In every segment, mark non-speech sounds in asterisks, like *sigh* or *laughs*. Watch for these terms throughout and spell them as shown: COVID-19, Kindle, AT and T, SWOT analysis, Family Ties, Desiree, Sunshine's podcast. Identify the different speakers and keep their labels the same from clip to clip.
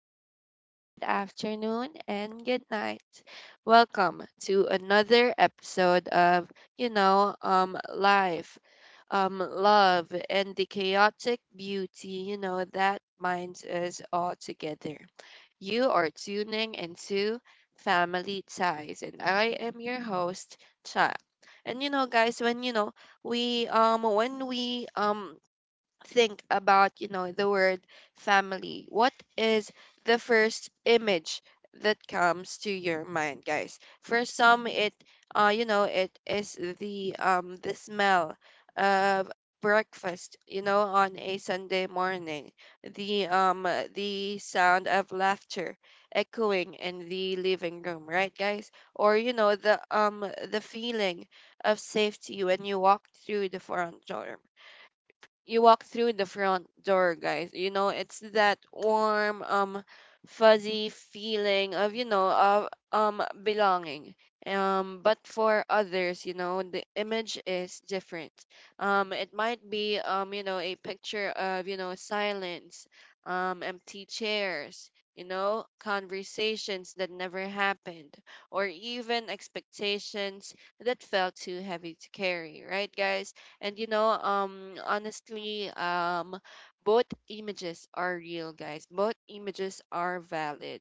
Speaker 1: Good morning, good afternoon, and good night. Welcome to another episode of, life, love, and the chaotic beauty, that binds us all together. You are tuning into Family Ties, and I am your host, Cha. And guys, when we think about the word family. What is the first image that comes to your mind, guys? For some, it you know it is the smell of breakfast, on a Sunday morning. The sound of laughter echoing in the living room, right, guys? Or, the feeling of safety when you walk through the front door, guys. It's that warm, fuzzy feeling of you know of belonging. But for others, the image is different. It might be, a picture of silence, empty chairs. Conversations that never happened, or even expectations that felt too heavy to carry, right, guys? And honestly, both images are real, guys. Both images are valid.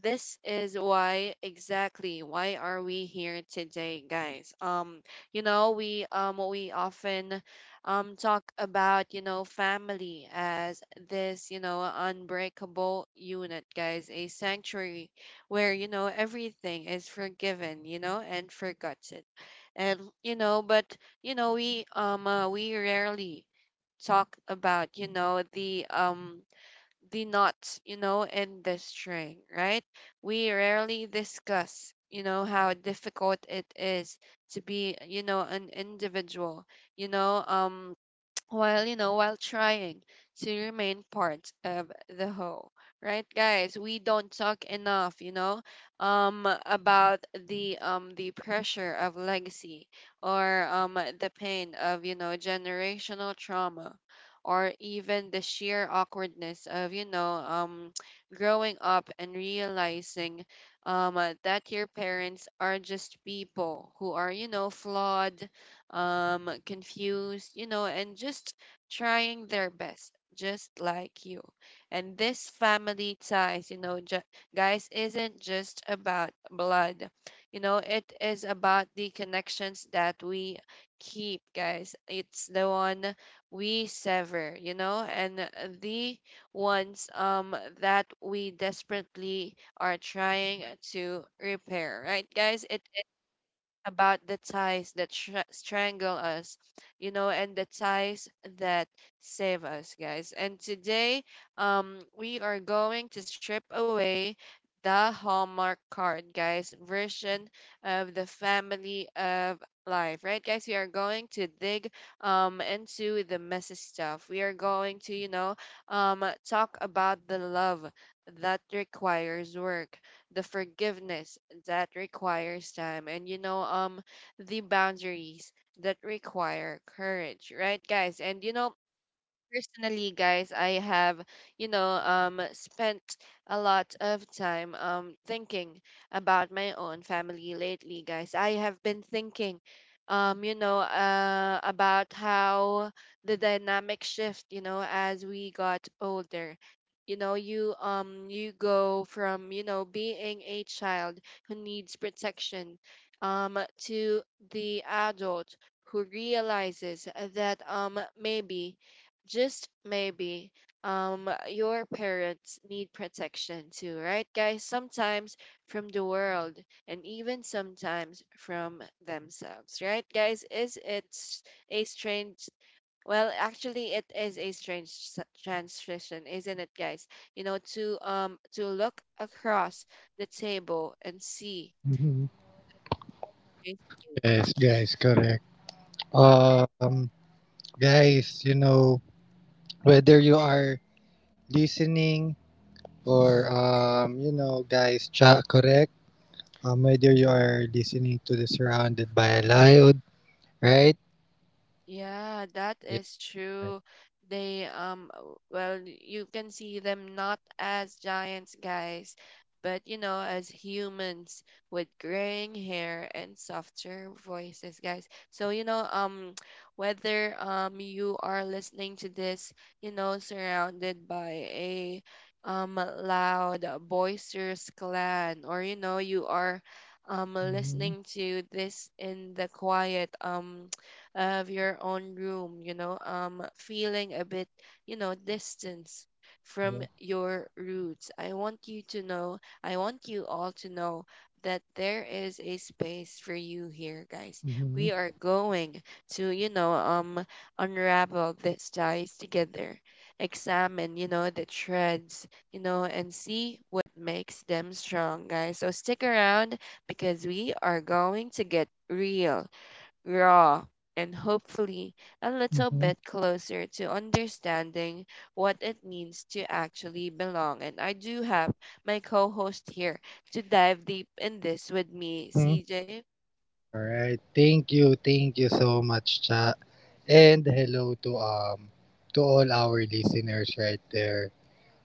Speaker 1: This is why, exactly why are we here today, guys? We often talk about, family as this, unbreakable unit, guys, a sanctuary where, everything is forgiven, and forgotten, but we rarely talk about, the knots, in this string, right. We rarely discuss, how difficult it is to be, an individual, you know um while you know while trying to remain part of the whole, right, guys. We don't talk enough, about the pressure of legacy, or the pain of, generational trauma, or even the sheer awkwardness of, *tsk* growing up and realizing, that your parents are just people who are, flawed, confused, and just trying their best, just like you. And this family ties, guys, isn't just about blood. It is about the connections that we keep, guys. It's the one we sever, and the ones that we desperately are trying to repair, right, guys? It about the ties that strangle us, and the ties that save us, guys. And today, we are going to strip away the Hallmark card, guys, version of the family of life, right, guys? We are going to dig into the messy stuff. We are going to, talk about the love that requires work, the forgiveness that requires time, and, the boundaries that require courage, right, guys? And personally, guys, I have spent a lot of time thinking about my own family lately. Guys, I have been thinking, about how the dynamic shift, as we got older. You go from, being a child who needs protection, to the adult who realizes that, maybe, just maybe, your parents need protection too, right, guys. Sometimes from the world, and even sometimes from themselves, right, guys. Is it's a strange Well, actually, it is a strange transition, isn't it, guys? To look across the table and see.
Speaker 2: Mhm. Yes, guys, correct. Um, Guys, you know, whether you are listening or, you know, guys, cha correct. Whether you are listening to the surrounded by a loud, right?
Speaker 1: Yeah, that
Speaker 2: Yeah.
Speaker 1: is
Speaker 2: Right.
Speaker 1: true. They well, you can see them not as giants, guys, but, as humans with graying hair and softer voices, guys. So, *tsk* whether you are listening to this, surrounded by a loud, boisterous clan, or, you are
Speaker 2: Mm-hmm.
Speaker 1: listening to this in the quiet, of your own room, feeling a bit, distance from
Speaker 2: Yep.
Speaker 1: your roots. I want you all to know that there is a space for you here, guys.
Speaker 2: Mm-hmm.
Speaker 1: We are going to, unravel these ties together, examine, the threads, and see what makes them strong, guys. So stick around, because we are going to get real, raw, and hopefully a little
Speaker 2: Mm-hmm.
Speaker 1: bit closer to understanding what it means to actually belong. And I do have my co host here to dive deep in this with me,
Speaker 2: Mm-hmm.
Speaker 1: CJ.
Speaker 2: All right. Thank you. Thank you so much, cha. And hello to all our listeners right there.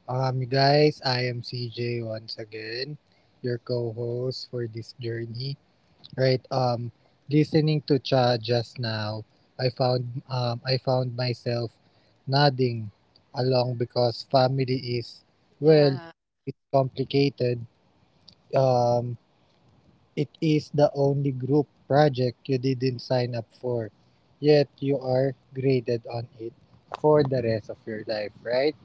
Speaker 2: Guys, I am CJ once again, your co-host for this journey. Right. Listening to Cha just now, I found myself nodding along because family is well,
Speaker 1: Yeah,
Speaker 2: it's complicated. Um, it is the only group project you didn't sign up for, yet you are graded on it for the rest of your life. Right.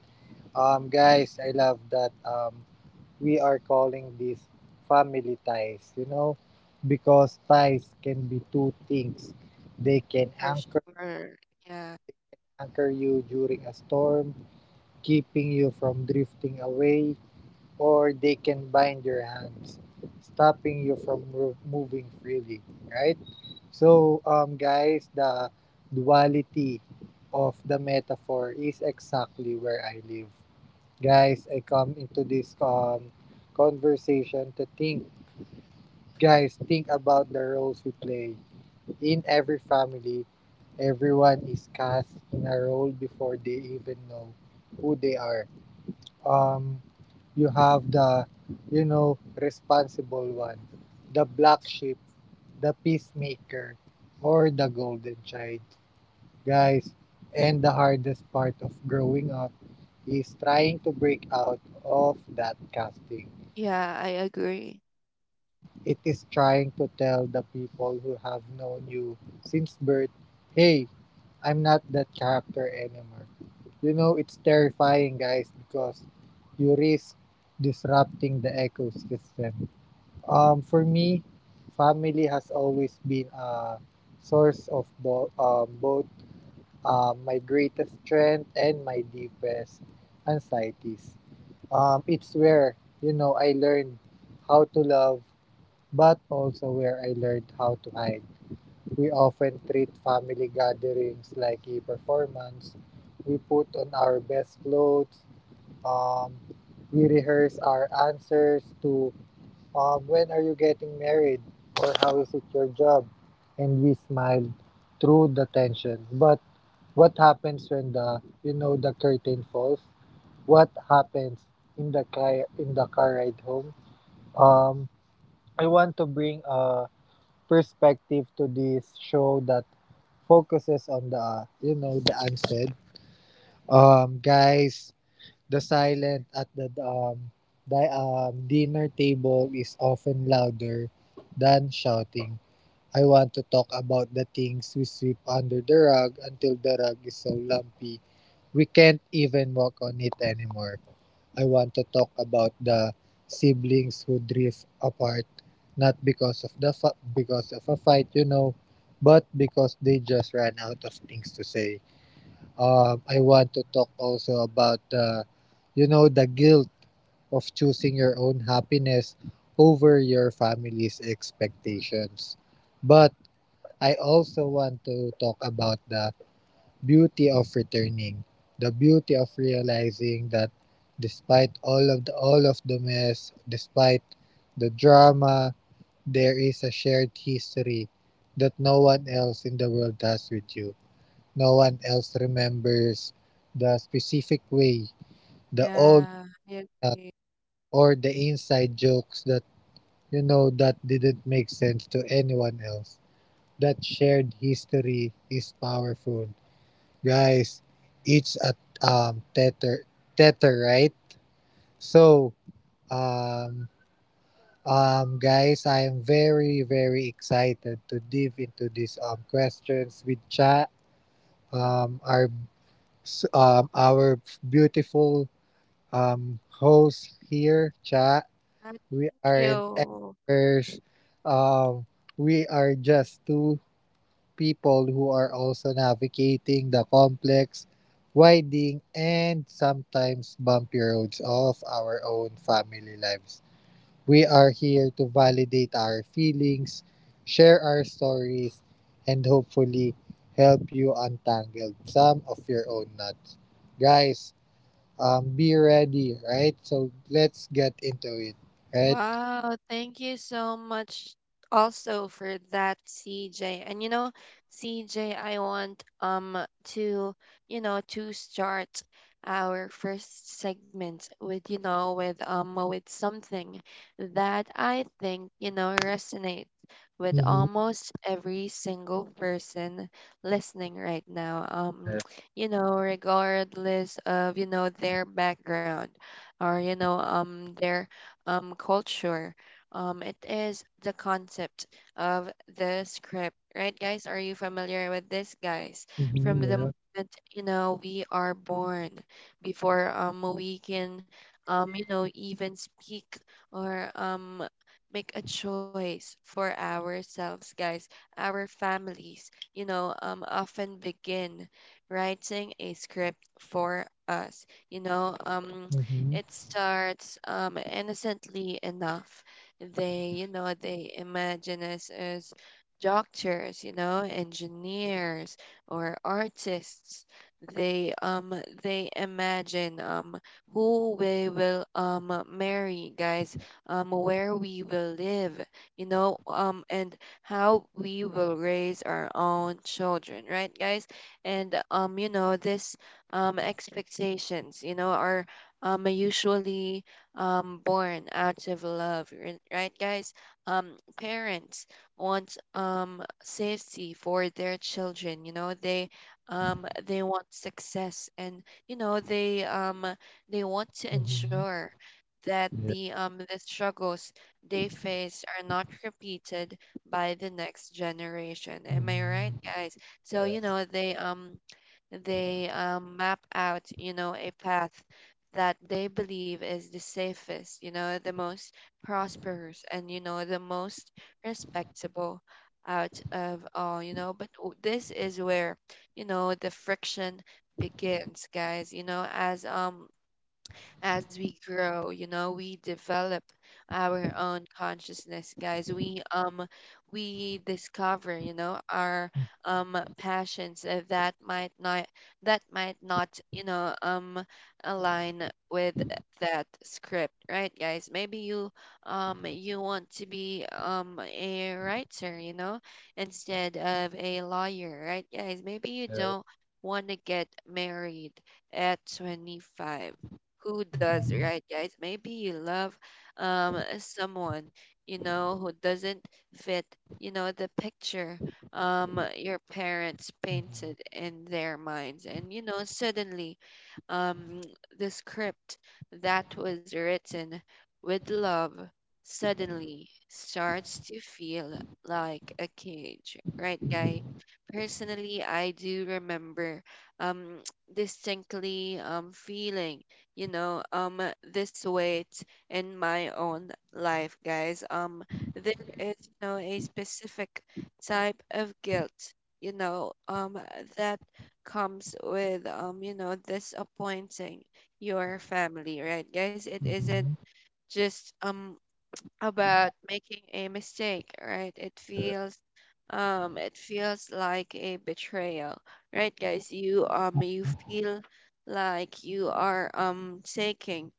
Speaker 2: Guys, I love that. Um, we are calling this family ties, you know, because ties can be two things. They can
Speaker 1: for sure. Yeah,
Speaker 2: anchor you during a storm, keeping you from drifting away, or they can bind your hands, stopping you from moving freely, right? So, um, guys, the duality of the metaphor is exactly where I live. Guys, I come into this conversation to think. Guys, think about the roles we play. In every family, everyone is cast in a role before they even know who they are. Um, you have the, you know, responsible one, the black sheep, the peacemaker, or the golden child. Guys, and the hardest part of growing up is trying to break out of that casting.
Speaker 1: yeah, I agree.
Speaker 2: It is trying to tell the people who have known you since birth, hey, I'm not that character anymore. You know, it's terrifying, guys, because you risk disrupting the ecosystem. For me, family has always been a source of both my greatest strength and my deepest anxieties. It's where, you know, I learned how to love but also where I learned how to hide. We often treat family gatherings like a performance. We put on our best clothes. Um, we rehearse our answers to when are you getting married or how is it your job? And we smile through the tension. But what happens when the you know the curtain falls? What happens in the car ride home? Um, I want to bring a perspective to this show that focuses on the you know the unsaid, um, guys, the silent at the dinner table is often louder than shouting. I want to talk about the things we sweep under the rug until the rug is so lumpy we can't even walk on it anymore. I want to talk about the siblings who drift apart not because of because of a fight, you know, but because they just ran out of things to say. I want to talk also about the you know the guilt of choosing your own happiness over your family's expectations. But I also want to talk about the beauty of returning, the beauty of realizing that despite all of the mess, despite the drama, there is a shared history that no one else in the world has with you. No one else remembers the specific way, the old
Speaker 1: Yeah, I
Speaker 2: uh,
Speaker 1: agree.
Speaker 2: or the inside jokes that you know that didn't make sense to anyone else. That shared history is powerful. Guys, it's a um tether tether, right? So um guys, I am very very excited to dive into these questions with Cha, um our our beautiful host here, Cha.
Speaker 1: Ah, thank
Speaker 2: We aren't
Speaker 1: you.
Speaker 2: experts. Um, we are just two people who are also navigating the complex, winding, and sometimes bumpy roads of our own family lives. We are here to validate our feelings, share our stories, and hopefully help you untangle some of your own knots. Guys, be ready, right? So let's get into it, right?
Speaker 1: Wow, thank you so much also for that, CJ. And CJ, I want to, to start our first segment with, with something that I think, resonates with
Speaker 2: Mm-hmm.
Speaker 1: almost every single person listening right now.
Speaker 2: Yeah.
Speaker 1: *tsk* Regardless of, their background, or, their, culture. It is the concept of the script, right, guys? Are you familiar with this, guys? From
Speaker 2: Mm-hmm.
Speaker 1: the
Speaker 2: Yeah.
Speaker 1: moment, we are born, before we can, even speak, or make a choice for ourselves, guys. Our families, often begin writing a script for us. You know, um
Speaker 2: Mm-hmm.
Speaker 1: it starts, innocently enough. They imagine us as doctors, engineers, or artists. They um they imagine, who we will, marry, guys, where we will live, and how we will raise our own children, right, guys? And this, expectations, are usually born out of love, right, guys. Parents want, safety for their children. They want success. And, they want to
Speaker 2: Mm-hmm.
Speaker 1: ensure that
Speaker 2: Yeah.
Speaker 1: the struggles they face are not repeated by the next generation. Am I right,
Speaker 2: Mm-hmm.
Speaker 1: guys? so
Speaker 2: Yeah.
Speaker 1: you know they um they um map out, a path that they believe is the safest, the most prosperous, and, the most respectable out of all. But this is where, the friction begins, guys, as we grow, we develop our own consciousness, guys. We discover, our passions, that might not, align with that script, right, guys? Maybe you want to be a writer, instead of a lawyer, right, guys? Maybe you don't want to get married at 25, who does, right, guys? Maybe you love, someone, who doesn't fit, the picture, your parents painted in their minds. And suddenly, um the script that was written with love suddenly starts to feel like a cage, right, guy? Personally, I do remember, um *tsk* distinctly, feeling, this weight in my own life, guys. There is, a specific type of guilt, you know, um, that comes with, disappointing your family, right, guys? It isn't
Speaker 2: Mm-hmm.
Speaker 1: just about making a mistake, right? It feels like a betrayal, right, guys? You feel like you are taking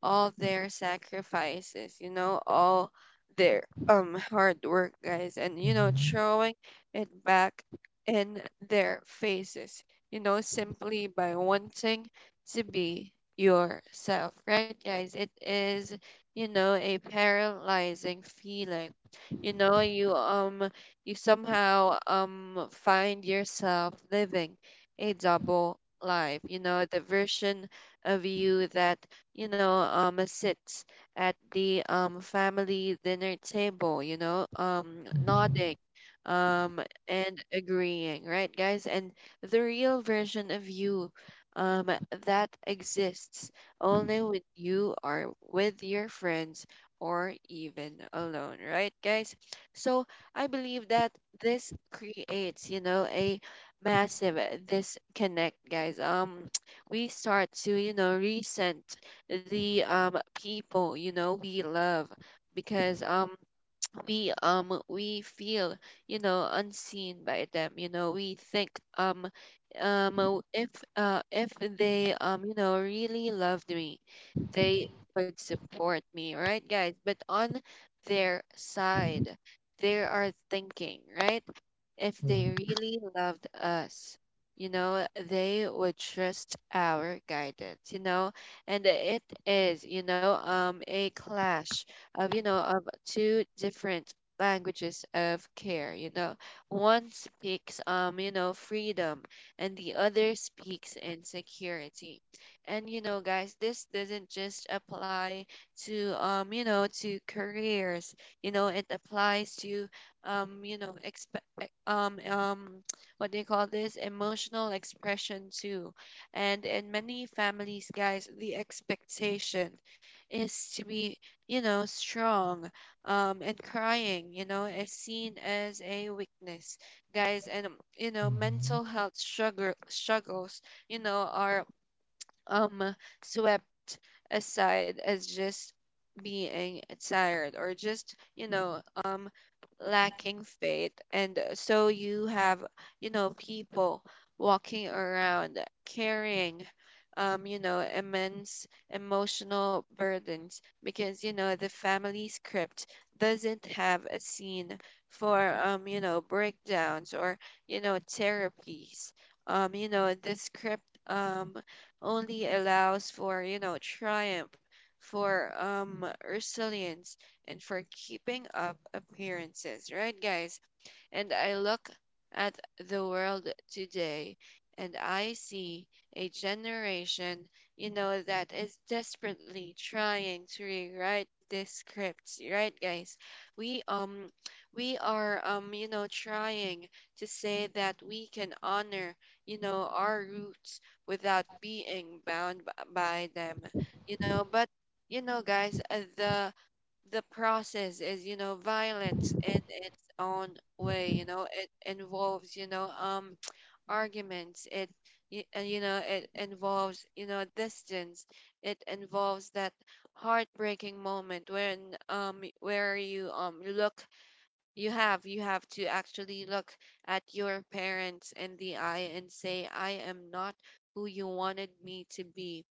Speaker 1: all their sacrifices, all their hard work, guys, and, throwing it back in their faces, simply by wanting to be yourself, right, guys? It is, a paralyzing feeling. You know, you um you somehow find yourself living a double life, the version of you that, sits at the family dinner table, nodding um and agreeing, right, guys? And the real version of you um that exists only with you or with your friends or even alone, right, guys? So I believe that this creates, a massive, disconnect, guys. *tsk* We start to, resent the people, we love because we feel, unseen by them. We think, if if they, really loved me, they would support me, right, guys. But on their side, they are thinking, right? If
Speaker 2: Mhm,
Speaker 1: they really loved us, they would trust our guidance, and it is, a clash of two different languages of care. One speaks, freedom, and the other speaks insecurity. And guys, this doesn't just apply to careers. You know, it applies to you know, e- what do you call this emotional expression too. And in many families, guys, the expectation is to be, you know, strong, and crying, you know, is seen as a weakness, guys. And
Speaker 2: mhm.
Speaker 1: mental health struggles, you know, are um swept aside as just being tired or just, you know, lacking faith. And so you have, you know, people walking around carrying, you know, immense emotional burdens because, you know, the family script doesn't have a scene for, you know, breakdowns or, you know, therapies. You know, the script only allows for, you know, triumph, for resilience, and for keeping up appearances, right, guys? And I look at the world today and I see a generation, you know, that is desperately trying to rewrite this script, right, guys? We um we are, you know, trying to say that we can honor, you know, our roots without being bound by them, you know. But you know, guys, the process is, you know, violence in its own way. You know, it involves, you know, *tsk* arguments. And you know, it involves, you know, distance. It involves that heartbreaking moment when where you look you have to actually look at your parents in the eye and say, I am not who you wanted me to be,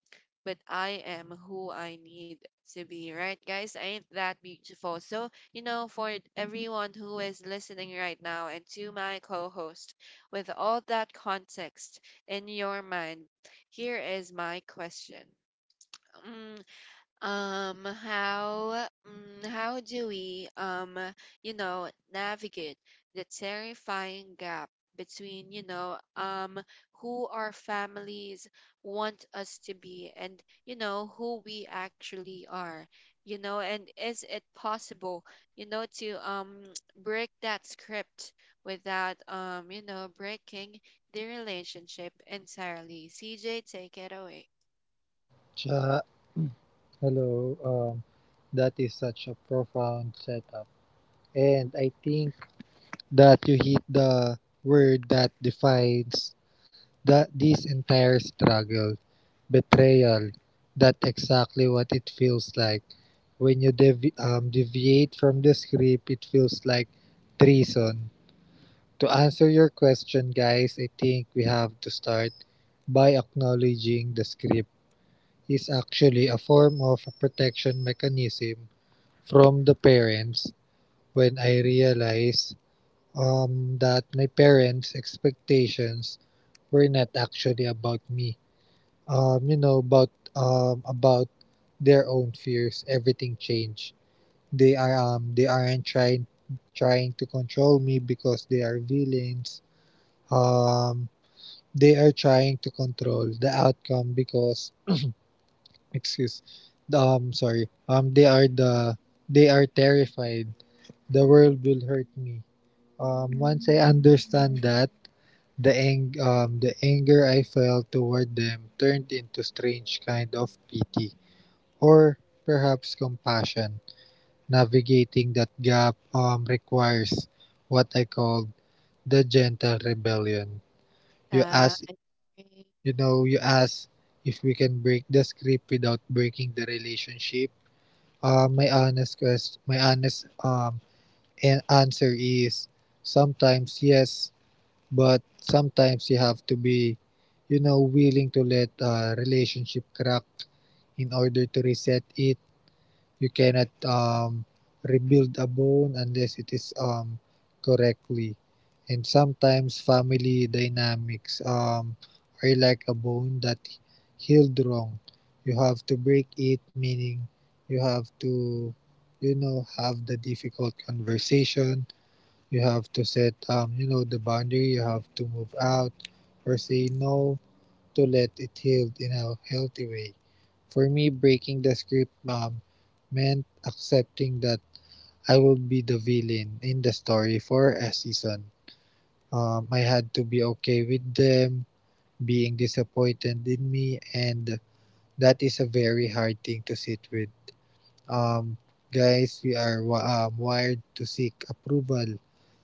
Speaker 1: but I am who I need to be, right, guys? Ain't that beautiful? So, you know, for everyone who is listening right now and to my co host, with all that context in your mind, here is my question. Mm, how do we, you know, navigate the terrifying gap between, you know, who our families want us to be, and you know, who we actually are. You know, and is it possible, you know, to *tsk* break that script without, you know, breaking the relationship entirely? CJ, take it away.
Speaker 2: Ja, hello. That is such a profound setup, and I think that you hit the word that defines that this entire struggle, betrayal. That's exactly what it feels like when you deviate from the script. It feels like treason. To answer your question, guys, I think we have to start by acknowledging the script is actually a form of a protection mechanism from the parents when I realized that my parents' expectations were not actually about me. Um, you know, about about their own fears. Everything changed. They are they aren't trying to control me because they are villains. Um, they are trying to control the outcome because excuse sorry they are the they are terrified the world will hurt me. Um, once I understand that the anger I felt toward them turned into strange kind of pity or perhaps compassion. Navigating that gap requires what I called the gentle rebellion. you ask
Speaker 1: uh
Speaker 2: you know, you ask if we can break the script without breaking the relationship. My honest answer is sometimes yes, but sometimes you have to be, you know, willing to let a relationship crack in order to reset it. You cannot rebuild a bone unless it is correctly. And sometimes family dynamics are like a bone that healed wrong. You have to break it, meaning you have to, you know, have the difficult conversation. You have to set, you know, the boundary. You have to move out or say no to let it heal in a healthy way. For me, breaking the script meant accepting that I will be the villain in the story for a season. I had to be okay with them being disappointed in me, and that is a very hard thing to sit with. Um, guys, we are wired to seek approval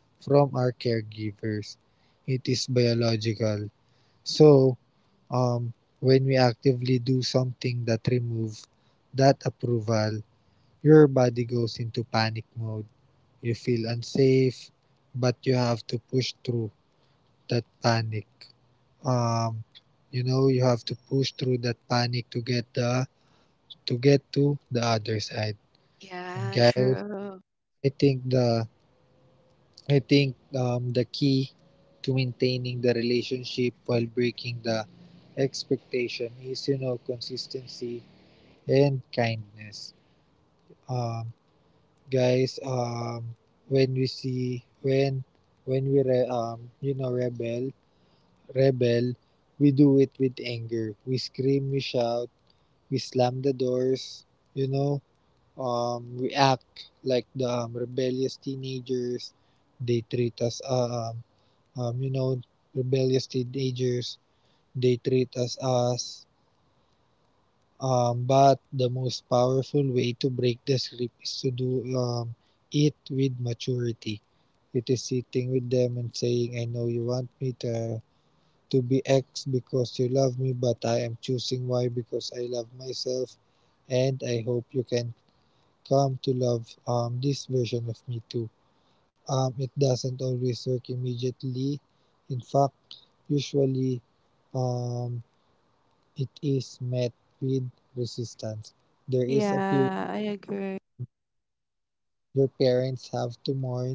Speaker 2: from our caregivers, it is biological. So, um, when we actively do something that removes that approval, your body goes into panic mode. You feel unsafe, but you have to push through that panic. Um, you know, you have to push through that panic to get the to get to the other side. And
Speaker 1: Yeah,
Speaker 2: guys,
Speaker 1: true.
Speaker 2: I think the I think the key to maintaining the relationship while breaking the expectation is you know consistency and kindness. Um, guys, when we see when we you know rebel, we do it with anger. We scream, we shout, we slam the doors. You know, we act like the rebellious teenagers. They treat us you know, rebellious teenagers. They treat us as. But the most powerful way to break the script is to do it with maturity. It is sitting with them and saying, I know you want me to be X because you love me, but I am choosing Y because I love myself. And I hope you can come to love this version of me too. It doesn't always work immediately. In fact, usually um, it is met with resistance. There is a period
Speaker 1: Yeah, I agree.
Speaker 2: where parents have to mourn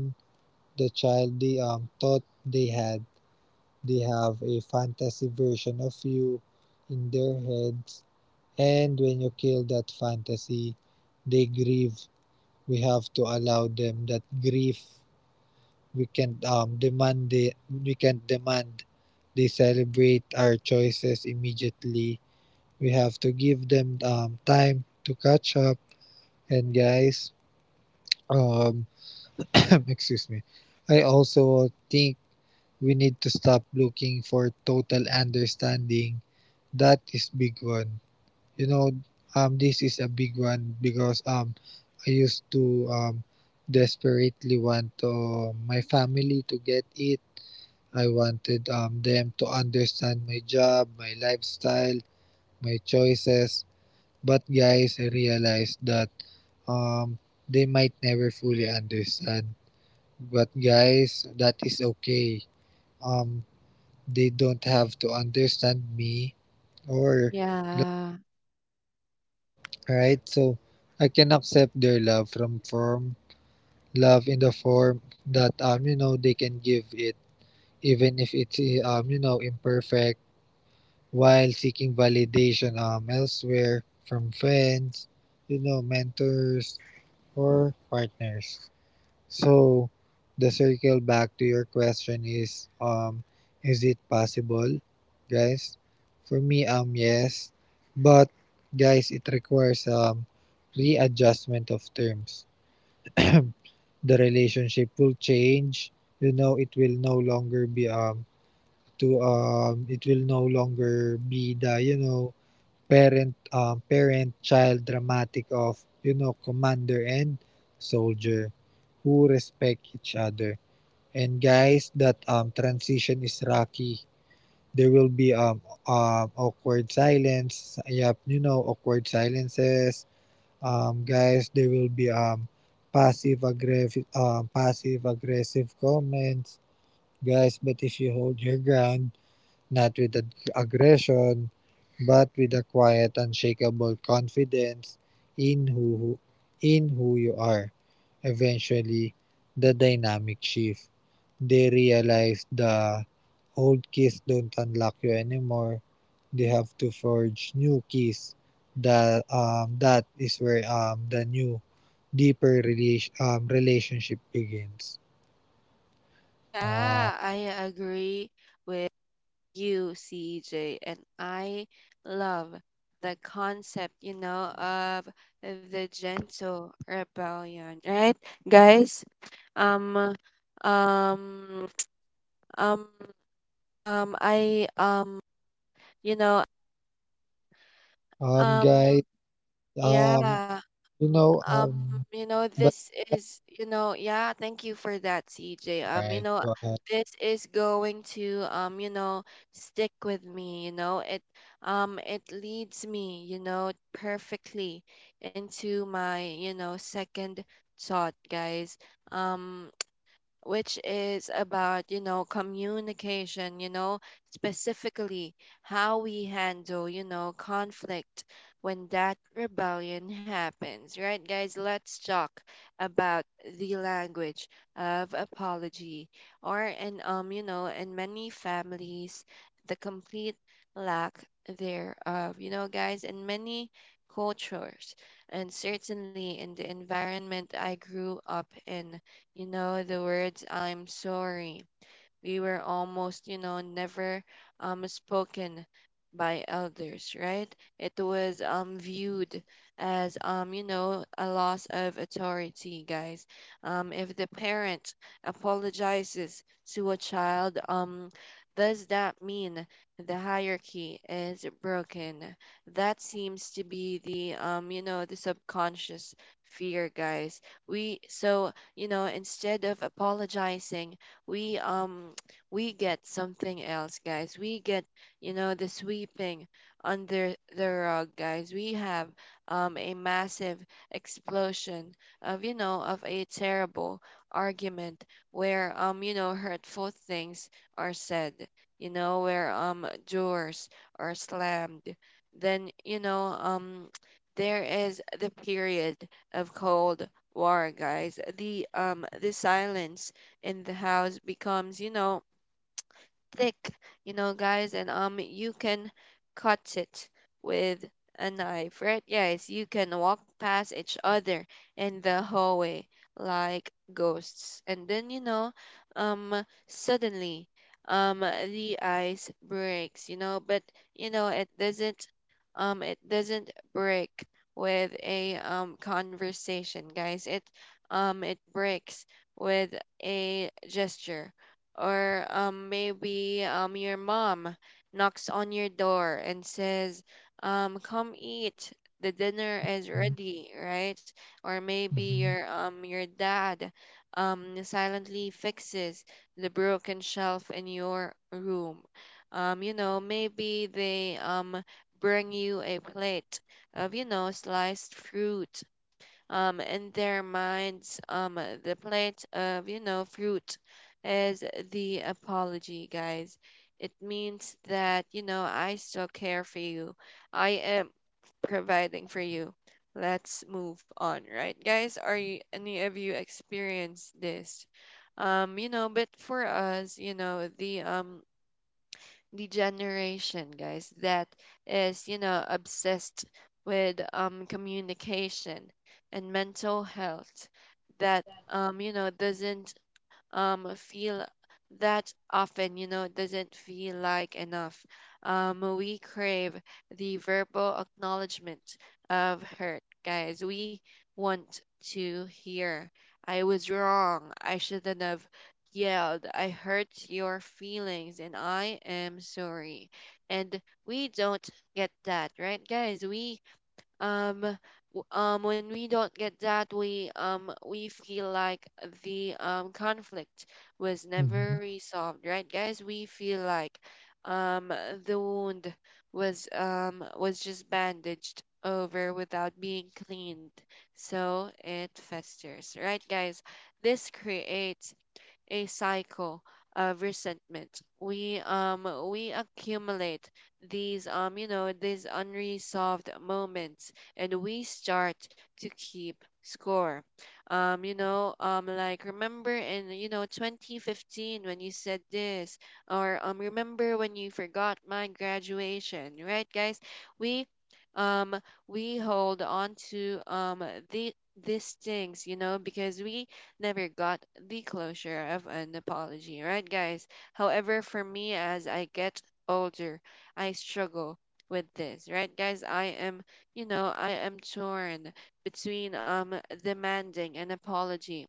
Speaker 2: the child they thought they had. They have a fantasy version of you in their heads, and when you kill that fantasy, they grieve. We have to allow them that grief. We can not demand they celebrate our choices immediately. We have to give them time to catch up. And guys, um, *laughs* *clears throat* excuse me. I also think we need to stop looking for total understanding. That is big one. You know, this is a big one because I used to desperately want my family to get it. I wanted them to understand my job, my lifestyle, my choices. But guys, I realized that um, they might never fully understand. But guys, that is okay. Um, they don't have to understand me or lo-
Speaker 1: Yeah.
Speaker 2: right. So I can accept their love from form love in the form that you know they can give it even if it's you know imperfect, while seeking validation elsewhere from friends, you know mentors or partners. So the circle back to your question is it possible, guys? For me yes, but guys it requires readjustment of terms. *clears throat* The relationship will change. You know it will no longer be to it will no longer be the you know parent child dramatic of you know commander and soldier who respect each other. And guys, that transition is rocky. There will be awkward silence. Yep, you know, awkward silences. Guys, there will be passive aggressive comments. Guys, but if you hold your ground, not with aggression, but with a quiet, unshakable confidence in who in who you are. Eventually, the dynamic shift. They realize the old keys don't unlock you anymore. They have to forge new keys. That is where the new deeper relationship begins. Uh,
Speaker 1: Yeah, I agree with you, CJ, and I love the concept, you know, of the gentle rebellion, right, guys? Um, um, um, I, you know,
Speaker 2: guys,
Speaker 1: um,
Speaker 2: um
Speaker 1: yeah.
Speaker 2: you know
Speaker 1: Um, you know,
Speaker 2: But
Speaker 1: this
Speaker 2: yeah,
Speaker 1: is, you know, yeah, thank you for that, CJ.
Speaker 2: alright, go ahead.
Speaker 1: This is going to, you know, stick with me, you know. It leads me, you know, perfectly into my, you know, second thought, guys. Um, which is about, you know, communication, you know, specifically how we handle, you know, conflict when that rebellion happens, right, guys? Let's talk about the language of apology or, and, you know, in many families, the complete lack thereof, you know, guys. In many cultures, and certainly in the environment I grew up in, you know, the words I'm sorry, we were almost, you know, never spoken by elders, right? It was viewed as, you know, a loss of authority, guys. If the parent apologizes to a child, does that mean the hierarchy is broken? That seems to be the, you know, the subconscious fear, guys. We so You know, instead of apologizing, we *tsk* we get something else, guys. We get, you know, the sweeping under the rug, guys. We have a massive explosion of, you know, of a terrible argument where, you know, hurtful things are said. You know, where, doors are slammed. Then, you know, *tsk* there is the period of cold war, guys. The silence in the house becomes, you know, thick, you know, guys, and you can cut it with a knife, right, guys? You can walk past each other in the hallway like ghosts, and then, you know, um, suddenly, the ice breaks, you know. But you know, it doesn't break with a conversation, guys. It breaks with a gesture, or maybe, your mom knocks on your door and says, "Come eat. The dinner is ready," right? Or maybe your dad silently fixes the broken shelf in your room. You know, maybe they, bring you a plate of, you know, sliced fruit. In their minds, the plate of, you know, fruit is the apology, guys. It means that, you know, I still care for you. I am providing for you. Let's move on, right, guys? Are any of you experience this? You know, but for us, you know, the generation, guys, that is, you know, obsessed with, communication and mental health, that, you know, doesn't feel that often, you know, it doesn't feel like enough. We crave the verbal acknowledgement of hurt, guys. We want to hear, I was wrong, I shouldn't have yelled, I hurt your feelings, and I am sorry. And we don't get that, right, guys? Um when we don't get that, we feel like the conflict was
Speaker 2: Mm-hmm.
Speaker 1: never resolved, right, guys? We feel like um the wound was just bandaged over without being cleaned, so it festers, right, guys? This creates a cycle of resentment. We accumulate these, you know, these unresolved moments, and we start to keep score. Like, remember in, you know, 2015 when you said this, or remember when you forgot my graduation, right, guys? We um we hold on to, these things, you know, because we never got the closure of an apology, right, guys? However, for me, as I get older, I struggle with this, right, guys? I am torn between, demanding an apology,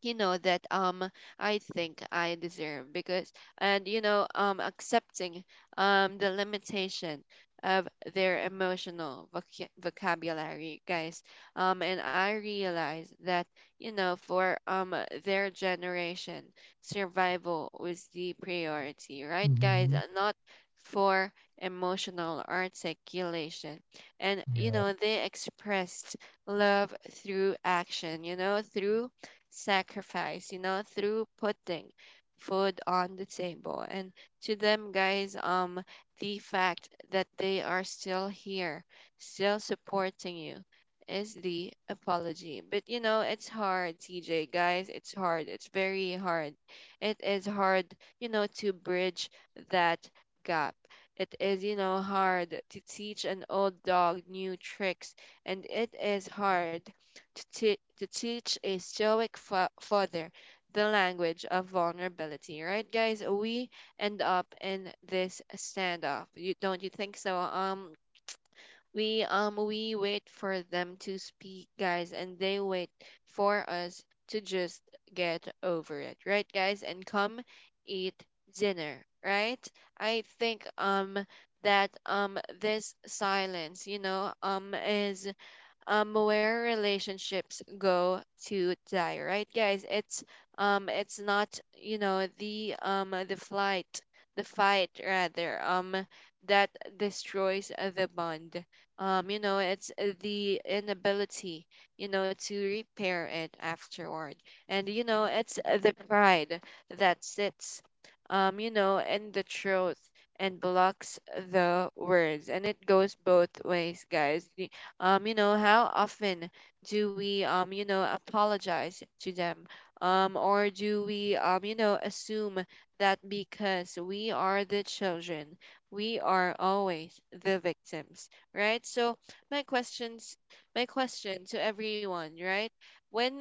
Speaker 1: you know, that, I think I deserve, because. And you know, accepting the limitation of their emotional vocabulary, guys. And I realize that, you know, for, their generation, survival was the priority, right,
Speaker 2: Mm-hmm.
Speaker 1: guys, and not for emotional articulation. And
Speaker 2: Yeah.
Speaker 1: you know, they expressed love through action, you know, through sacrifice, you know, through putting food on the table. And to them, guys, the fact that they are still here, still supporting you, is the apology. But you know, it's hard, TJ, guys. It's hard. It's very hard. It is hard, you know, to bridge that gap. It is, you know, hard to teach an old dog new tricks, and it is hard to, to teach a stoic father the language of vulnerability, right, guys? We end up in this standoff. You don't You think so? We wait for them to speak, guys, and they wait for us to just get over it, right, guys? And come eat dinner, right? I think that this silence, you know, is where relationships go to die, right, guys. It's not, you know, the flight the fight, rather, that destroys the bond. You know, it's the inability, you know, to repair it afterward. And you know, it's the pride that sits, you know, in the truth and blocks the words. And it goes both ways, guys. You know, how often do we, you know, apologize to them? Or do we, you know, assume that because we are the children, we are always the victims, right? So my question to everyone, right? When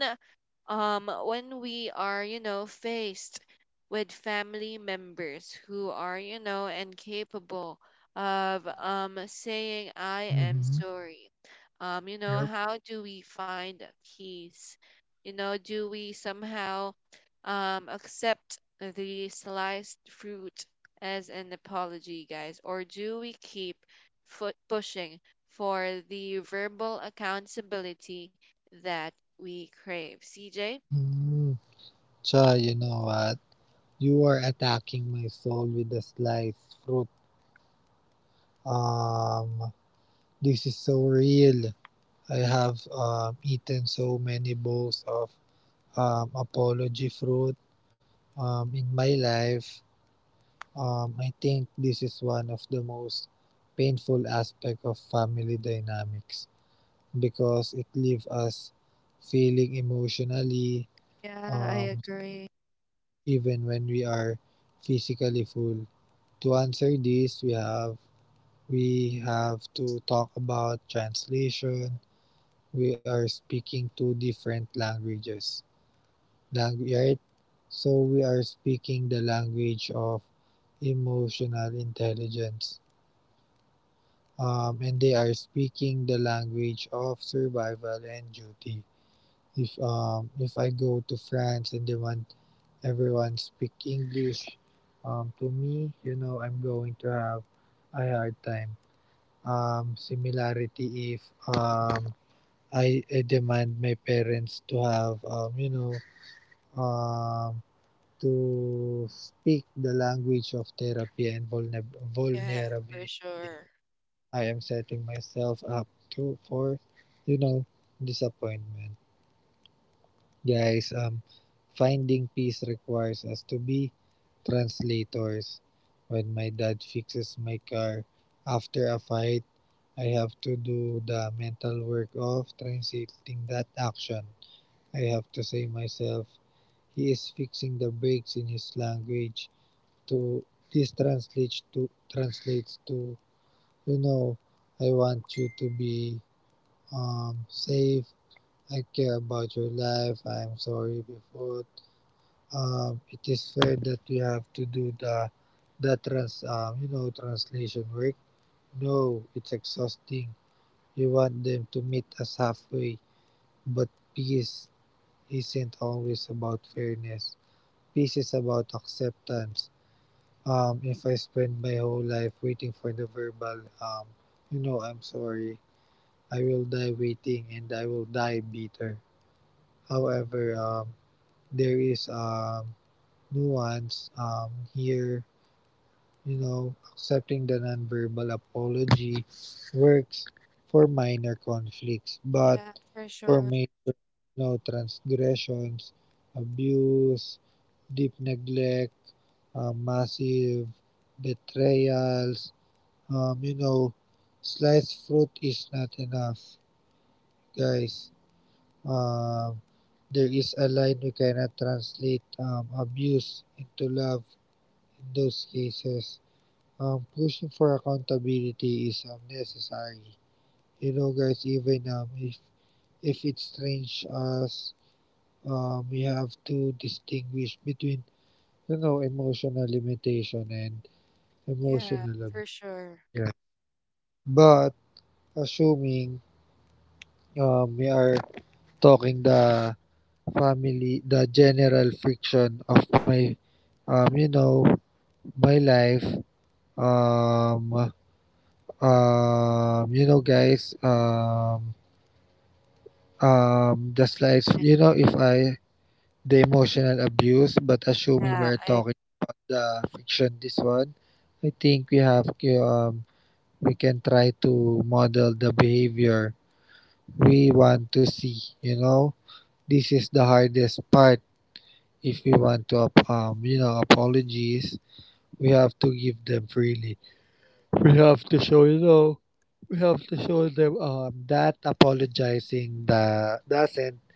Speaker 1: when we are, you know, faced with family members who are, you know, incapable of saying I
Speaker 2: Mm-hmm.
Speaker 1: am sorry, you
Speaker 2: Yep.
Speaker 1: know, how do we find peace? You know, do we somehow accept the sliced fruit as an apology, guys, or do we keep foot pushing for the verbal accountability that we crave? CJ?
Speaker 2: Mm. Cha, you know what? You are attacking my soul with a sliced fruit. Um, this is so real. I have eaten so many bowls of apology fruit in my life. I think this is one of the most painful aspect of family dynamics, because it leaves us feeling emotionally, um,
Speaker 1: Yeah, I agree.
Speaker 2: even when we are physically full. To answer this, we have to talk about translation. We are speaking two different languages, right? So we are speaking the language of emotional intelligence, and they are speaking the language of survival and duty. If I go to France and they want everyone speak English to me, you know, I'm going to have a hard time. Similarity, if um I demand my parents to have you know, um to speak the language of therapy and
Speaker 1: Yeah,
Speaker 2: vulnerability,
Speaker 1: for sure.
Speaker 2: I am setting myself up to for, you know, disappointment, guys. Finding peace requires us to be translators. When my dad fixes my car after a fight, I have to do the mental work of translating that action. I have to say myself, he is fixing the brakes in his language. To This translates to, you know, I want you to be safe. I care about your life. I am sorry before. It is fair that you have to do the trans you know, translation work. No, it's exhausting. You want them to meet us halfway, but peace isn't always about fairness. Peace is about acceptance. If I spend my whole life waiting for the verbal, you know, I'm sorry, I will die waiting and I will die bitter. However, there is nuance here. You know, accepting the nonverbal apology works for minor conflicts, but
Speaker 1: Yeah,
Speaker 2: for
Speaker 1: for
Speaker 2: major,
Speaker 1: sure.
Speaker 2: you know, transgressions, abuse, deep neglect, massive betrayals, you know, sliced fruit is not enough, guys. Um, there is a line. We cannot translate abuse into love in those cases. Pushing for accountability is necessary. You know, guys, even if it's strange, as we have to distinguish between, you know, emotional limitation and emotional
Speaker 1: Yeah,
Speaker 2: abuse.
Speaker 1: for
Speaker 2: Yeah.
Speaker 1: sure.
Speaker 2: But assuming we are talking the family, the general friction of my you know, my life. Um you know guys just like you know, if I The emotional abuse, but assuming we're
Speaker 1: Yeah,
Speaker 2: talking
Speaker 1: I
Speaker 2: about the fiction, this one, I think we have you we can try to model the behavior we want to see. You know, this is the hardest part. If we want to you know, apologies, we have to give them freely. We have to show you know we have to show them that apologizing that doesn't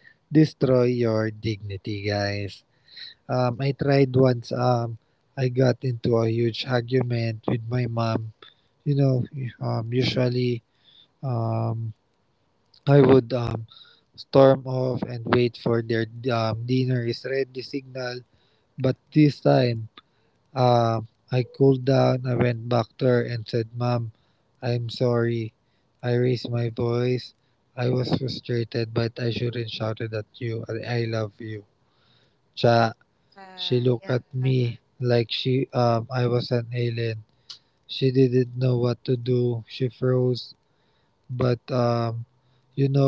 Speaker 2: destroy your dignity, guys. I tried once. I got into a huge argument with my mom. You know, usually um, I would storm off and wait for their dinner is ready signal, but this time uh, I cooled down. I went back to her and said, "Mom, I'm sorry. I raised my voice. I was frustrated, but I shouldn't shouted at you. I love you." Cha, she looked
Speaker 1: Uh,
Speaker 2: at
Speaker 1: yeah.
Speaker 2: me
Speaker 1: uh,
Speaker 2: like she I was an alien. She didn't know what to do. She froze, but you know,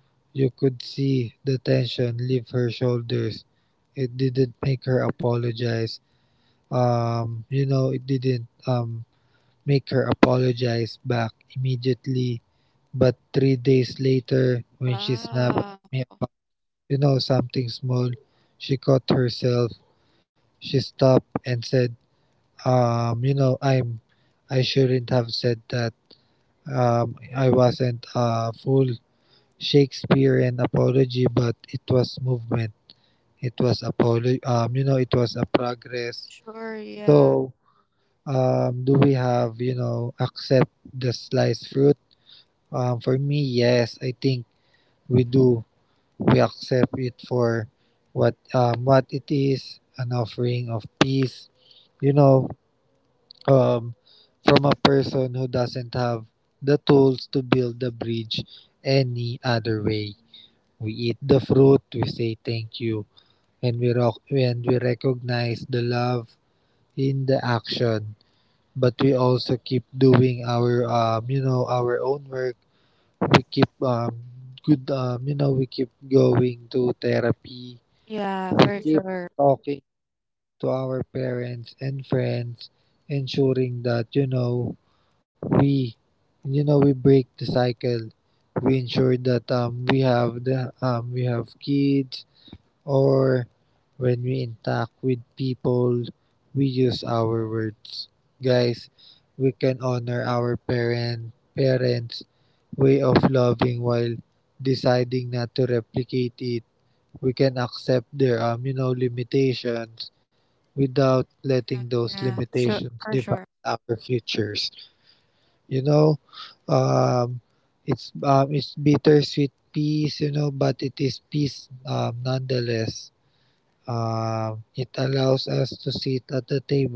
Speaker 2: you could see the tension leave her shoulders. It didn't make her apologize. You know, it didn't. Maker apologizes back immediately, but three days later, when she snapped at me
Speaker 1: Wow.
Speaker 2: about, you know, something small, she caught herself. She stopped and said, you know, I shouldn't have said that. I wasn't a full Shakespearean apology, but it was movement. It was you know, it was a progress.
Speaker 1: Sure,
Speaker 2: So,
Speaker 1: yeah.
Speaker 2: do we have, you know, accept the sliced fruit? For me, yes, I think we do. We accept it for what it is, an offering of peace. You know, um, from a person who doesn't have the tools to build the bridge any other way. We eat the fruit. We say thank you, and we recognize the love in the action. But we also keep doing our you know, our own work. We keep good You know, we keep going to therapy, we
Speaker 1: Yeah,
Speaker 2: keep
Speaker 1: for sure.
Speaker 2: talking to our parents and friends, ensuring that, you know, we you know, we break the cycle. We ensure that we have the we have kids, or when we interact with people, we use our words, guys. We can honor our parents' way of loving while deciding not to replicate it. We can accept there are, you know, limitations without letting those
Speaker 1: Yeah,
Speaker 2: limitations
Speaker 1: sure
Speaker 2: define
Speaker 1: for sure.
Speaker 2: our futures. You know, um, it's bittersweet peace, you know, but it is peace nonetheless. It allows us to sit at the table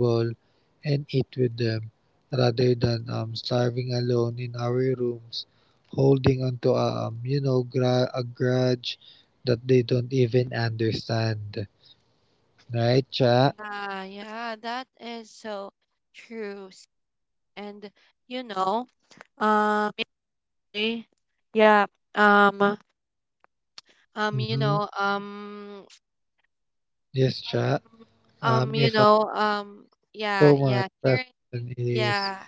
Speaker 2: and eat with them rather than starving alone in our rooms, holding onto a you know, a grudge that they don't even understand. Right, Cha?
Speaker 1: Ah, yeah, that is so true, CJ. And you know, um, Jay, yeah, um, um,
Speaker 2: Mm-hmm.
Speaker 1: you know, um,
Speaker 2: Yes, cha. If I
Speaker 1: you know
Speaker 2: so my
Speaker 1: yeah.
Speaker 2: question is
Speaker 1: Yeah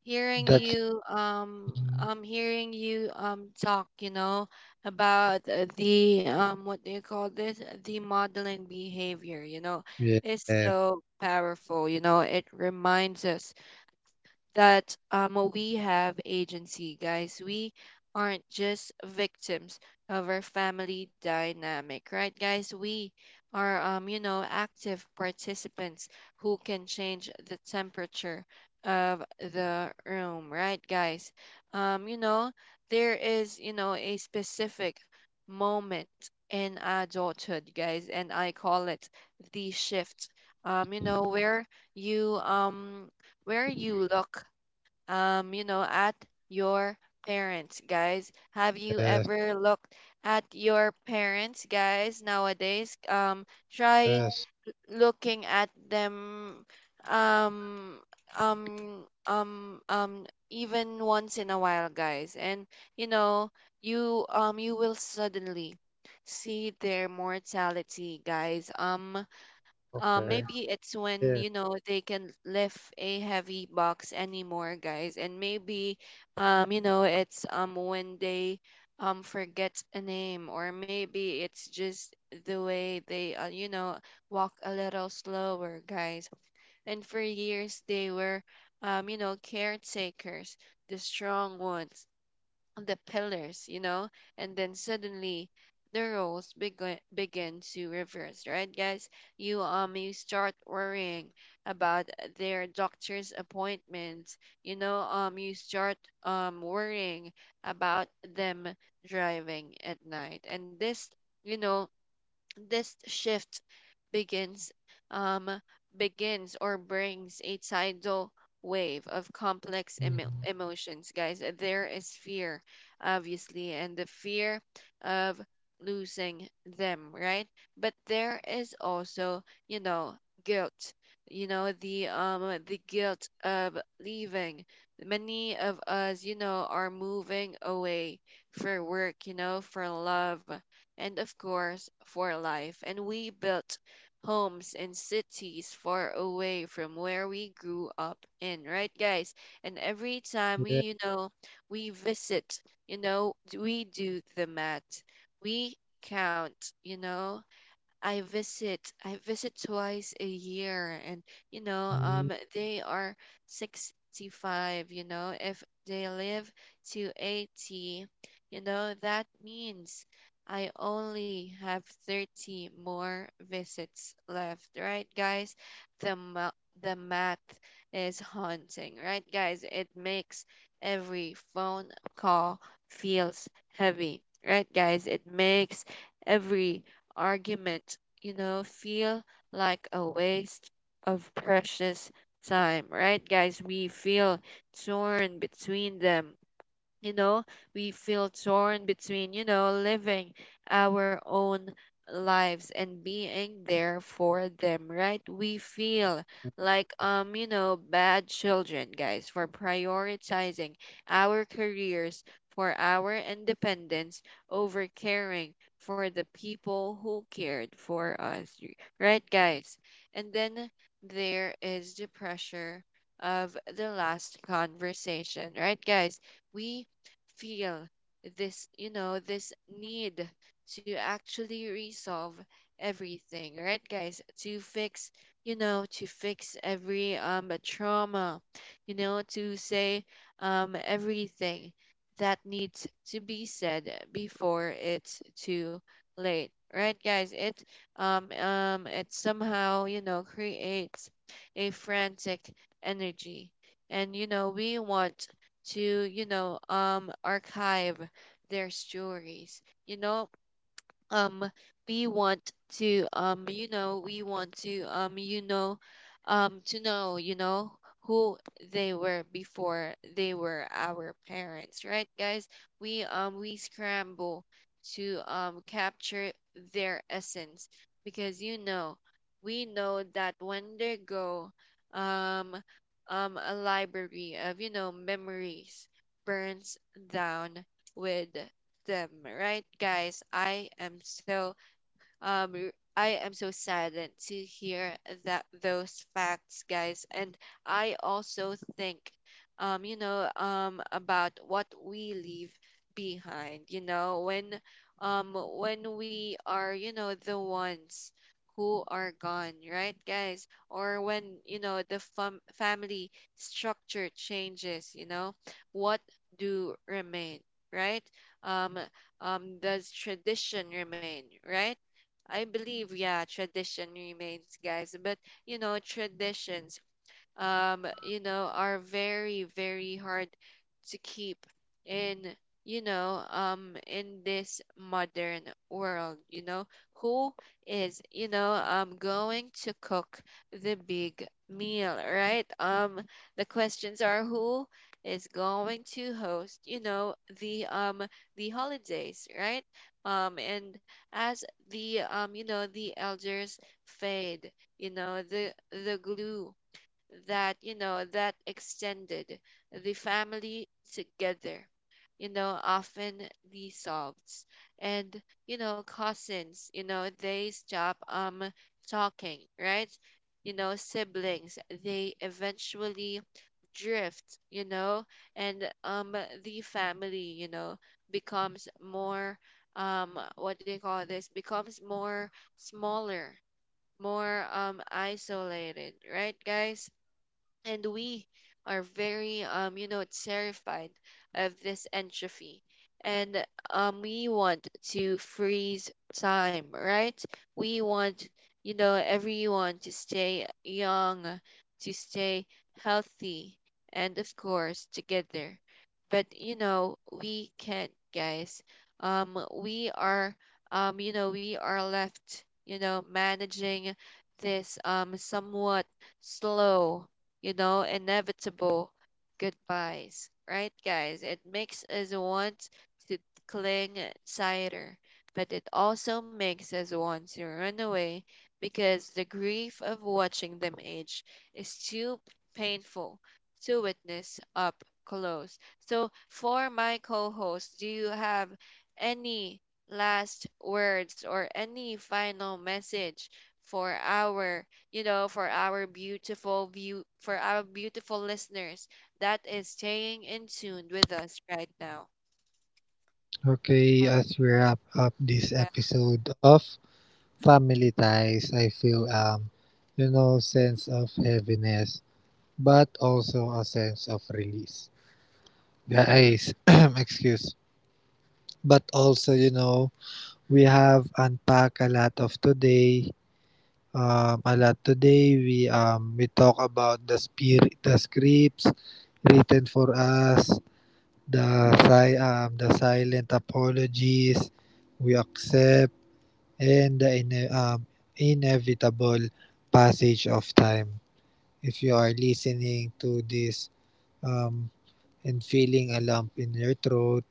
Speaker 2: that's
Speaker 1: Hearing you,
Speaker 2: mhm.
Speaker 1: hearing you, talk, you know, about the what do you call this, the modeling behavior, you know,
Speaker 2: Yes,
Speaker 1: is
Speaker 2: yes,
Speaker 1: so powerful. You know, it reminds us that, we have agency, guys. We aren't just victims of our family dynamic, right, guys? We are, you know, active participants who can change the temperature of the room, right, guys? You know, there is, you know, a specific moment in adulthood, guys, and I call it the shift. You know, you um where you look, you know, at your parents, guys. Have you ever looked at your parents, guys, nowadays?
Speaker 2: yes.
Speaker 1: Try looking at them um even once in a while, guys. And you know, you will suddenly see their mortality, guys.
Speaker 2: Okay.
Speaker 1: Maybe it's
Speaker 2: Yeah.
Speaker 1: when you know they can lift a heavy box anymore, guys, and maybe you know it's when they forget a name, or maybe it's just the way they you know walk a little slower, guys. And for years they were you know caretakers, the strong ones, the pillars, you know, and then suddenly the roles begin to reverse, right, guys? You you start worrying about their doctor's appointments, you know, you start worrying about them driving at night, and this, you know, this shift begins um begins or brings a tidal wave of complex
Speaker 2: Mm-hmm.
Speaker 1: emotions, guys. There is fear, obviously, and the fear of losing them, right? But there is also, you know, guilt. You know, the guilt of leaving. Many of us, you know, are moving away for work, you know, for love, and of course for life. And we built homes and cities far away from where we grew up in, right, guys? And every
Speaker 2: Yeah.
Speaker 1: time we, you know, we visit, you know, we do the math, we count, you know, I visit twice a year, and you
Speaker 2: Mm-hmm.
Speaker 1: know they are 65, you know, if they live to 80, you know, that means I only have 30 more visits left, right, guys? the ma- the math is haunting, right, guys? It makes every phone call feels heavy, right, guys? It makes every argument, you know, feel like a waste of precious time, right, guys? We feel torn between them, you know, we feel torn between, you know, living our own lives and being there for them, right? We feel like you know bad children, guys, for prioritizing our careers, for our independence over caring for the people who cared for us, right, guys? And then there is the pressure of the last conversation, right, guys? We feel this, you know, this need to actually resolve everything, right, guys? To fix, you know, to fix every trauma, you know, to say everything that needs to be said before it's too late. Right, guys? It it somehow, you know, creates a frantic energy. And you know, we want to you know archive their stories, you know, um we want to you know we want to you know to know, you know, who they were before they were our parents, right, guys? We we scramble to capture their essence because you know we know that when they go um a library of, you know, memories burns down with them, right, guys? I am so saddened to hear that those facts, guys. And I also think, you know, about what we leave behind. You know, when we are, you know, the ones who are gone, right, guys? Or when, you know, the family structure changes, you know, what do remain, right? Um, does tradition remain, right? I believe, yeah, tradition remains, guys. But you know, Mhm. Traditions, you know, are very, very hard to keep in, you know, in this modern world, you know, who is, you know, going to cook the big meal, right? The questions are who is going to host, you know, the, um, the holidays, right? And as the, you know, the elders fade, you know, the glue that, you know, that extended the family together, you know, often resolves. And you know cousins, you know, they stop talking, right? You know siblings, they eventually drift, you know, and the family, you know, becomes more what do you call this, becomes more smaller, more isolated, right, guys? And we are very you know terrified of this entropy, and we want to freeze time, right? We want, you know, everyone to stay young, to stay healthy, and of course together, but you know we can't, guys. um we are you know we are left, you know, managing this somewhat slow, you know, inevitable goodbyes, right, guys? It makes us want to cling tighter, but it also makes us want to run away because the grief of watching them age is too painful to witness up close. So, for my co host, do you have any last words or any final message for our, you know, for our beautiful view, for our beautiful listeners that is staying in tune with us right now?
Speaker 2: Okay, as we
Speaker 1: I-
Speaker 2: wrap up this
Speaker 1: Yeah,
Speaker 2: episode of Family Ties, I feel you know, sense of heaviness, but also a sense of release. Guys, *clears throat* excuse. But also, you know, we have unpacked a lot of today. A lot today. We talk about the spirit, the scripts written for us, the the silent apologies we accept, and the inevitable passage of time. If you are listening to this um, and feeling a lump in your throat,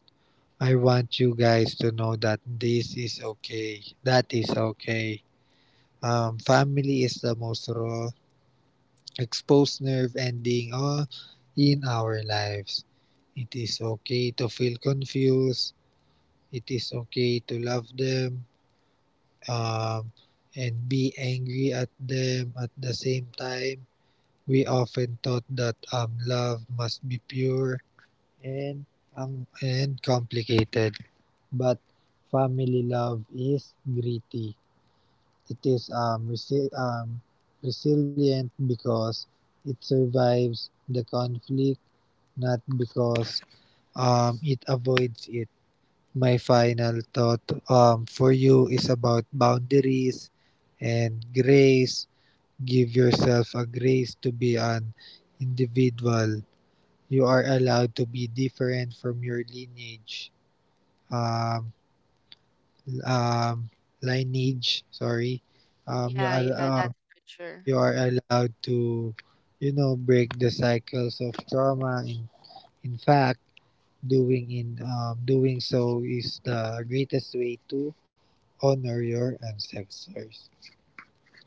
Speaker 2: I want you guys to know that this is okay. That is okay. Family is the most raw, exposed nerve ending all in our lives. It is okay to feel confused. It is okay to love them, um, and be angry at them at the same time. We often thought that love must be pure and and complicated, but family love is gritty. It is resilient because it survives the conflict, not because it avoids it. My final thought for you is about boundaries and grace. Give yourself a grace to be an individual. You are allowed to be different from your lineage. Um, um, lineage, sorry. Um, you, are
Speaker 1: yeah,
Speaker 2: uh,
Speaker 1: yeah, that's for
Speaker 2: you are
Speaker 1: sure.
Speaker 2: allowed to, you know, break the cycles of trauma. In fact, doing so is the greatest way to honor your ancestors. Guys,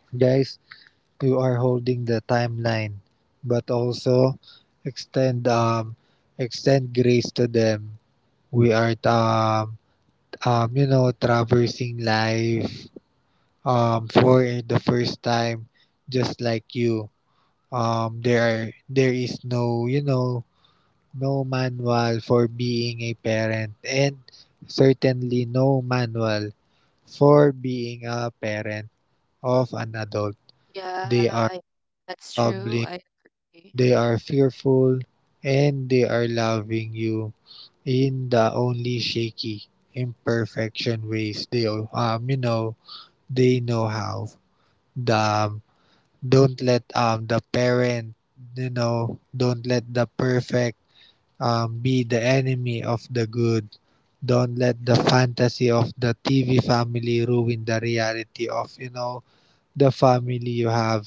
Speaker 2: you are holding the timeline, but also extend um extend grace to them. We are you know, traversing life for the first time, just like you. There is no, you know, no manual for being a parent, and certainly no manual for being a parent of an adult. They are
Speaker 1: Yeah, I,
Speaker 2: bubbling,
Speaker 1: that's true. I
Speaker 2: they are
Speaker 1: agree.
Speaker 2: fearful, and they are loving you in the only shaky, imperfection ways they they know how. The Don't let the parent you know don't let the perfect be the enemy of the good. Don't let the fantasy of the TV family ruin the reality of, you know, the family you have.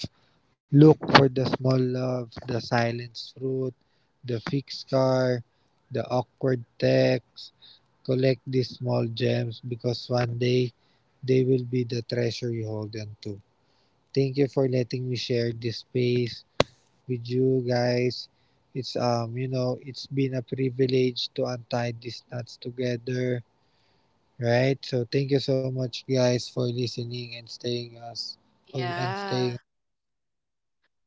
Speaker 2: Look for the small love, the silenced fruit, the fixed car, the awkward text. Collect these small gems, because one day they will be the treasure you hold on to. Thank you for letting me share this space with you guys. It's you know it's been a privilege to untie these knots together, right? So thank you so much guys for listening and staying us on and staying.
Speaker 1: Yeah.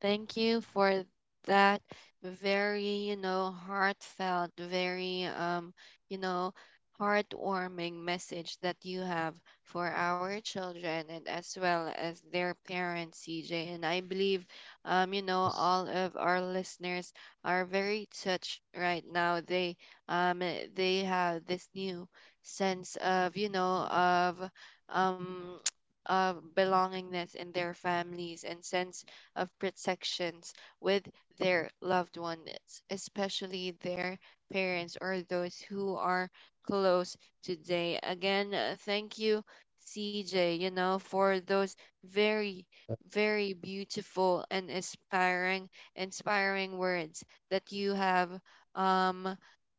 Speaker 1: Thank you for that very, you know, heartfelt, very, you know, heartwarming message that you have for our children and as well as their parents, CJ. And I believe, you know, all of our listeners are very touched right now. They, they have this new sense of, you know, of, um, *tsk* of belongingness in their families and sense of protections with their loved ones, especially their parents or those who are close today. Again, thank you, CJ, you know, for those very very beautiful and inspiring words that you have um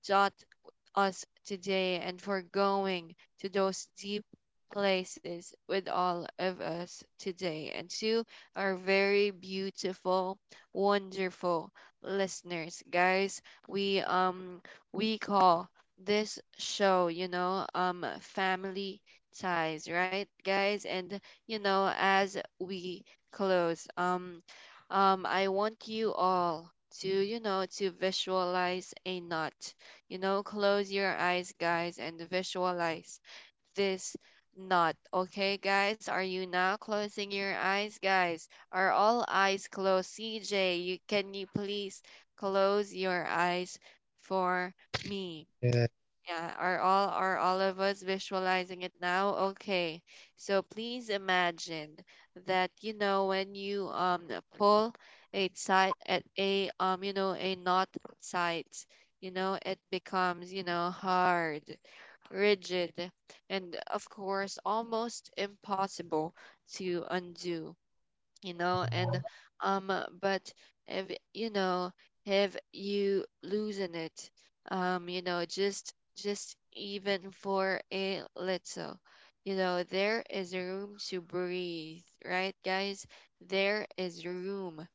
Speaker 1: taught us today and for going to those deep places with all of us today. And to our very beautiful, wonderful listeners. Guys, we um we call this show, you know, Family Ties, right, guys? And you know, as we close, I want you all to, you know, to visualize a knot. You know, close your eyes, guys, and visualize this knot. Okay, guys, are you now closing your eyes, guys? Are all eyes closed? CJ, you can you please close your eyes for
Speaker 2: Uh,
Speaker 1: me? Yeah, are all of us visualizing it now? Okay. So please imagine that, you know, when you pull a side at a you know a knot sides, you know it becomes, you know, hard, rigid, and of course, almost impossible to undo, you know. And but if, you know, if you losing it you know just even for a little, you know, there is room to breathe, right, guys? There is room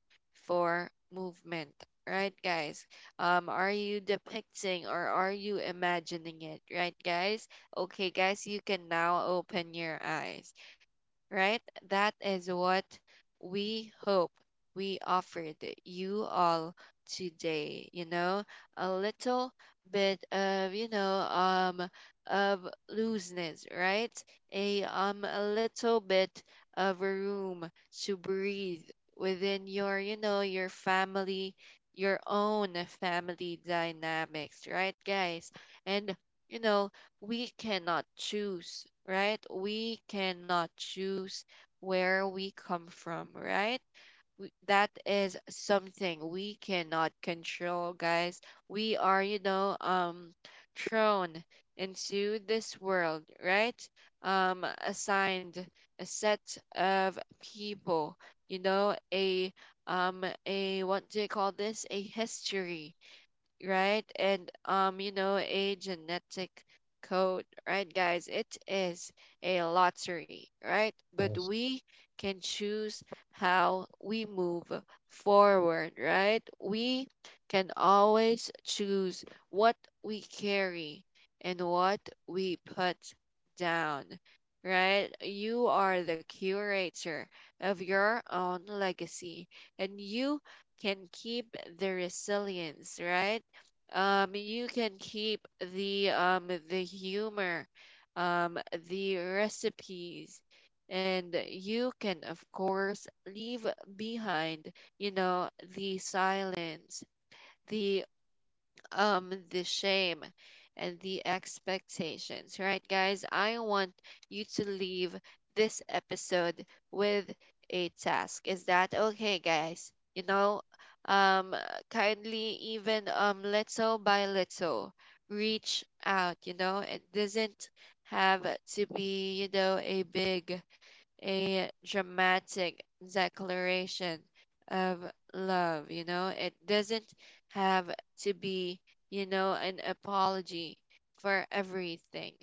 Speaker 1: for movement, right, guys? Are you depicting or are you imagining it, right, guys? Okay, guys, you can now open your eyes, right? That is what we hope we offered you all today. You know, a little bit of, you know, of looseness, right? A little bit of room to breathe within your, you know, your family, your own family dynamics, right, guys? And you know we cannot choose, right? We cannot choose where we come from, right? We, that is something we cannot control, guys. We are, you know, thrown into this world, right? Assigned a set of people, you know, a what do you call this? A history, right? And you know, a genetic code, right, guys? It is a lottery,
Speaker 2: Nice.
Speaker 1: right? But we can choose how we move forward, right? We can always choose what we carry and what we put down. Right? You are the curator of your own legacy, and you can keep the resilience, right? You can keep the humor, um the recipes, and you can of course leave behind, you know, the silence, the the shame, and the expectations, right, guys? I want you to leave this episode with a task. Is that okay, guys? You know, um, kindly even little by little reach out. You know, it doesn't have to be, you know, a big, a dramatic declaration of love, you know? It doesn't have to be, you know, an apology for everything,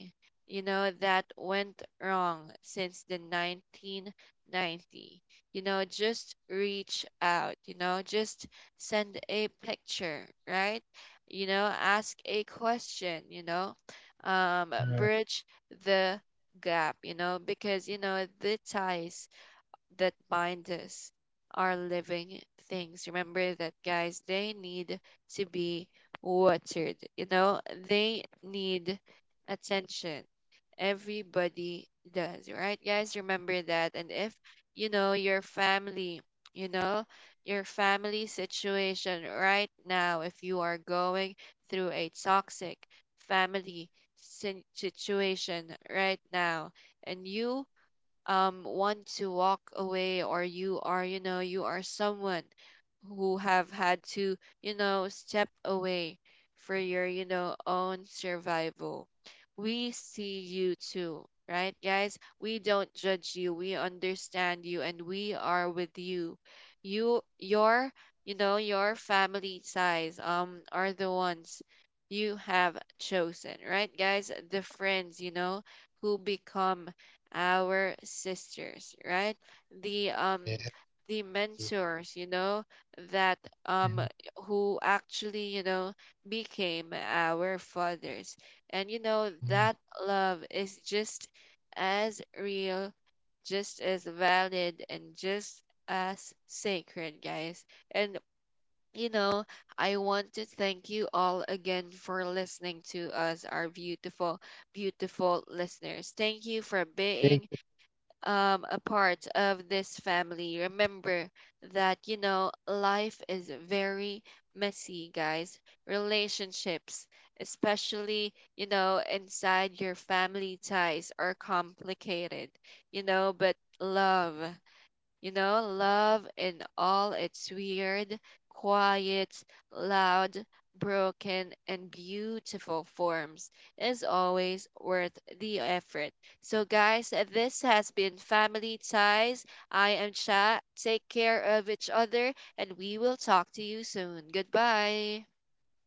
Speaker 1: you know, that went wrong since the 1990. You know, just reach out, you know, just send a picture, right? You know, ask a question, you know,
Speaker 2: Alright,
Speaker 1: bridge the gap, you know, because, you know, the ties that bind us are living things. Remember that, guys, they need to be watered, you know, they need attention. Everybody does, right, guys? Remember that. And if, you know, your family, you know, your family situation right now, if you are going through a toxic family situation right now, and you want to walk away, or you are, you know, you are someone who have had to, you know, step away for your, you know, own survival, we see you too, right, guys? We don't judge you, we understand you, and we are with you. You your, you know, your family size are the ones you have chosen, right, guys? The friends, you know, who become our sisters, right?
Speaker 2: hey,
Speaker 1: The
Speaker 2: hey.
Speaker 1: the mentors, you know, that um who actually, you know, became our fathers. And you know, that love is just as real, just as valid, and just as sacred, guys. And you know, I want to thank you all again for listening to us, our beautiful, beautiful listeners. Thank you
Speaker 2: Hey,
Speaker 1: for being a part of this family. Remember that, you know, life is very messy, guys. Relationships, especially, you know, inside your family ties, are complicated, you know, but love. You know, love in all its weird, quiet, loud, broken, and beautiful forms is always worth the effort. So, guys, this has been Family Ties. I am Cha. Take care of each other, and we will talk to you soon. Goodbye.
Speaker 2: guys.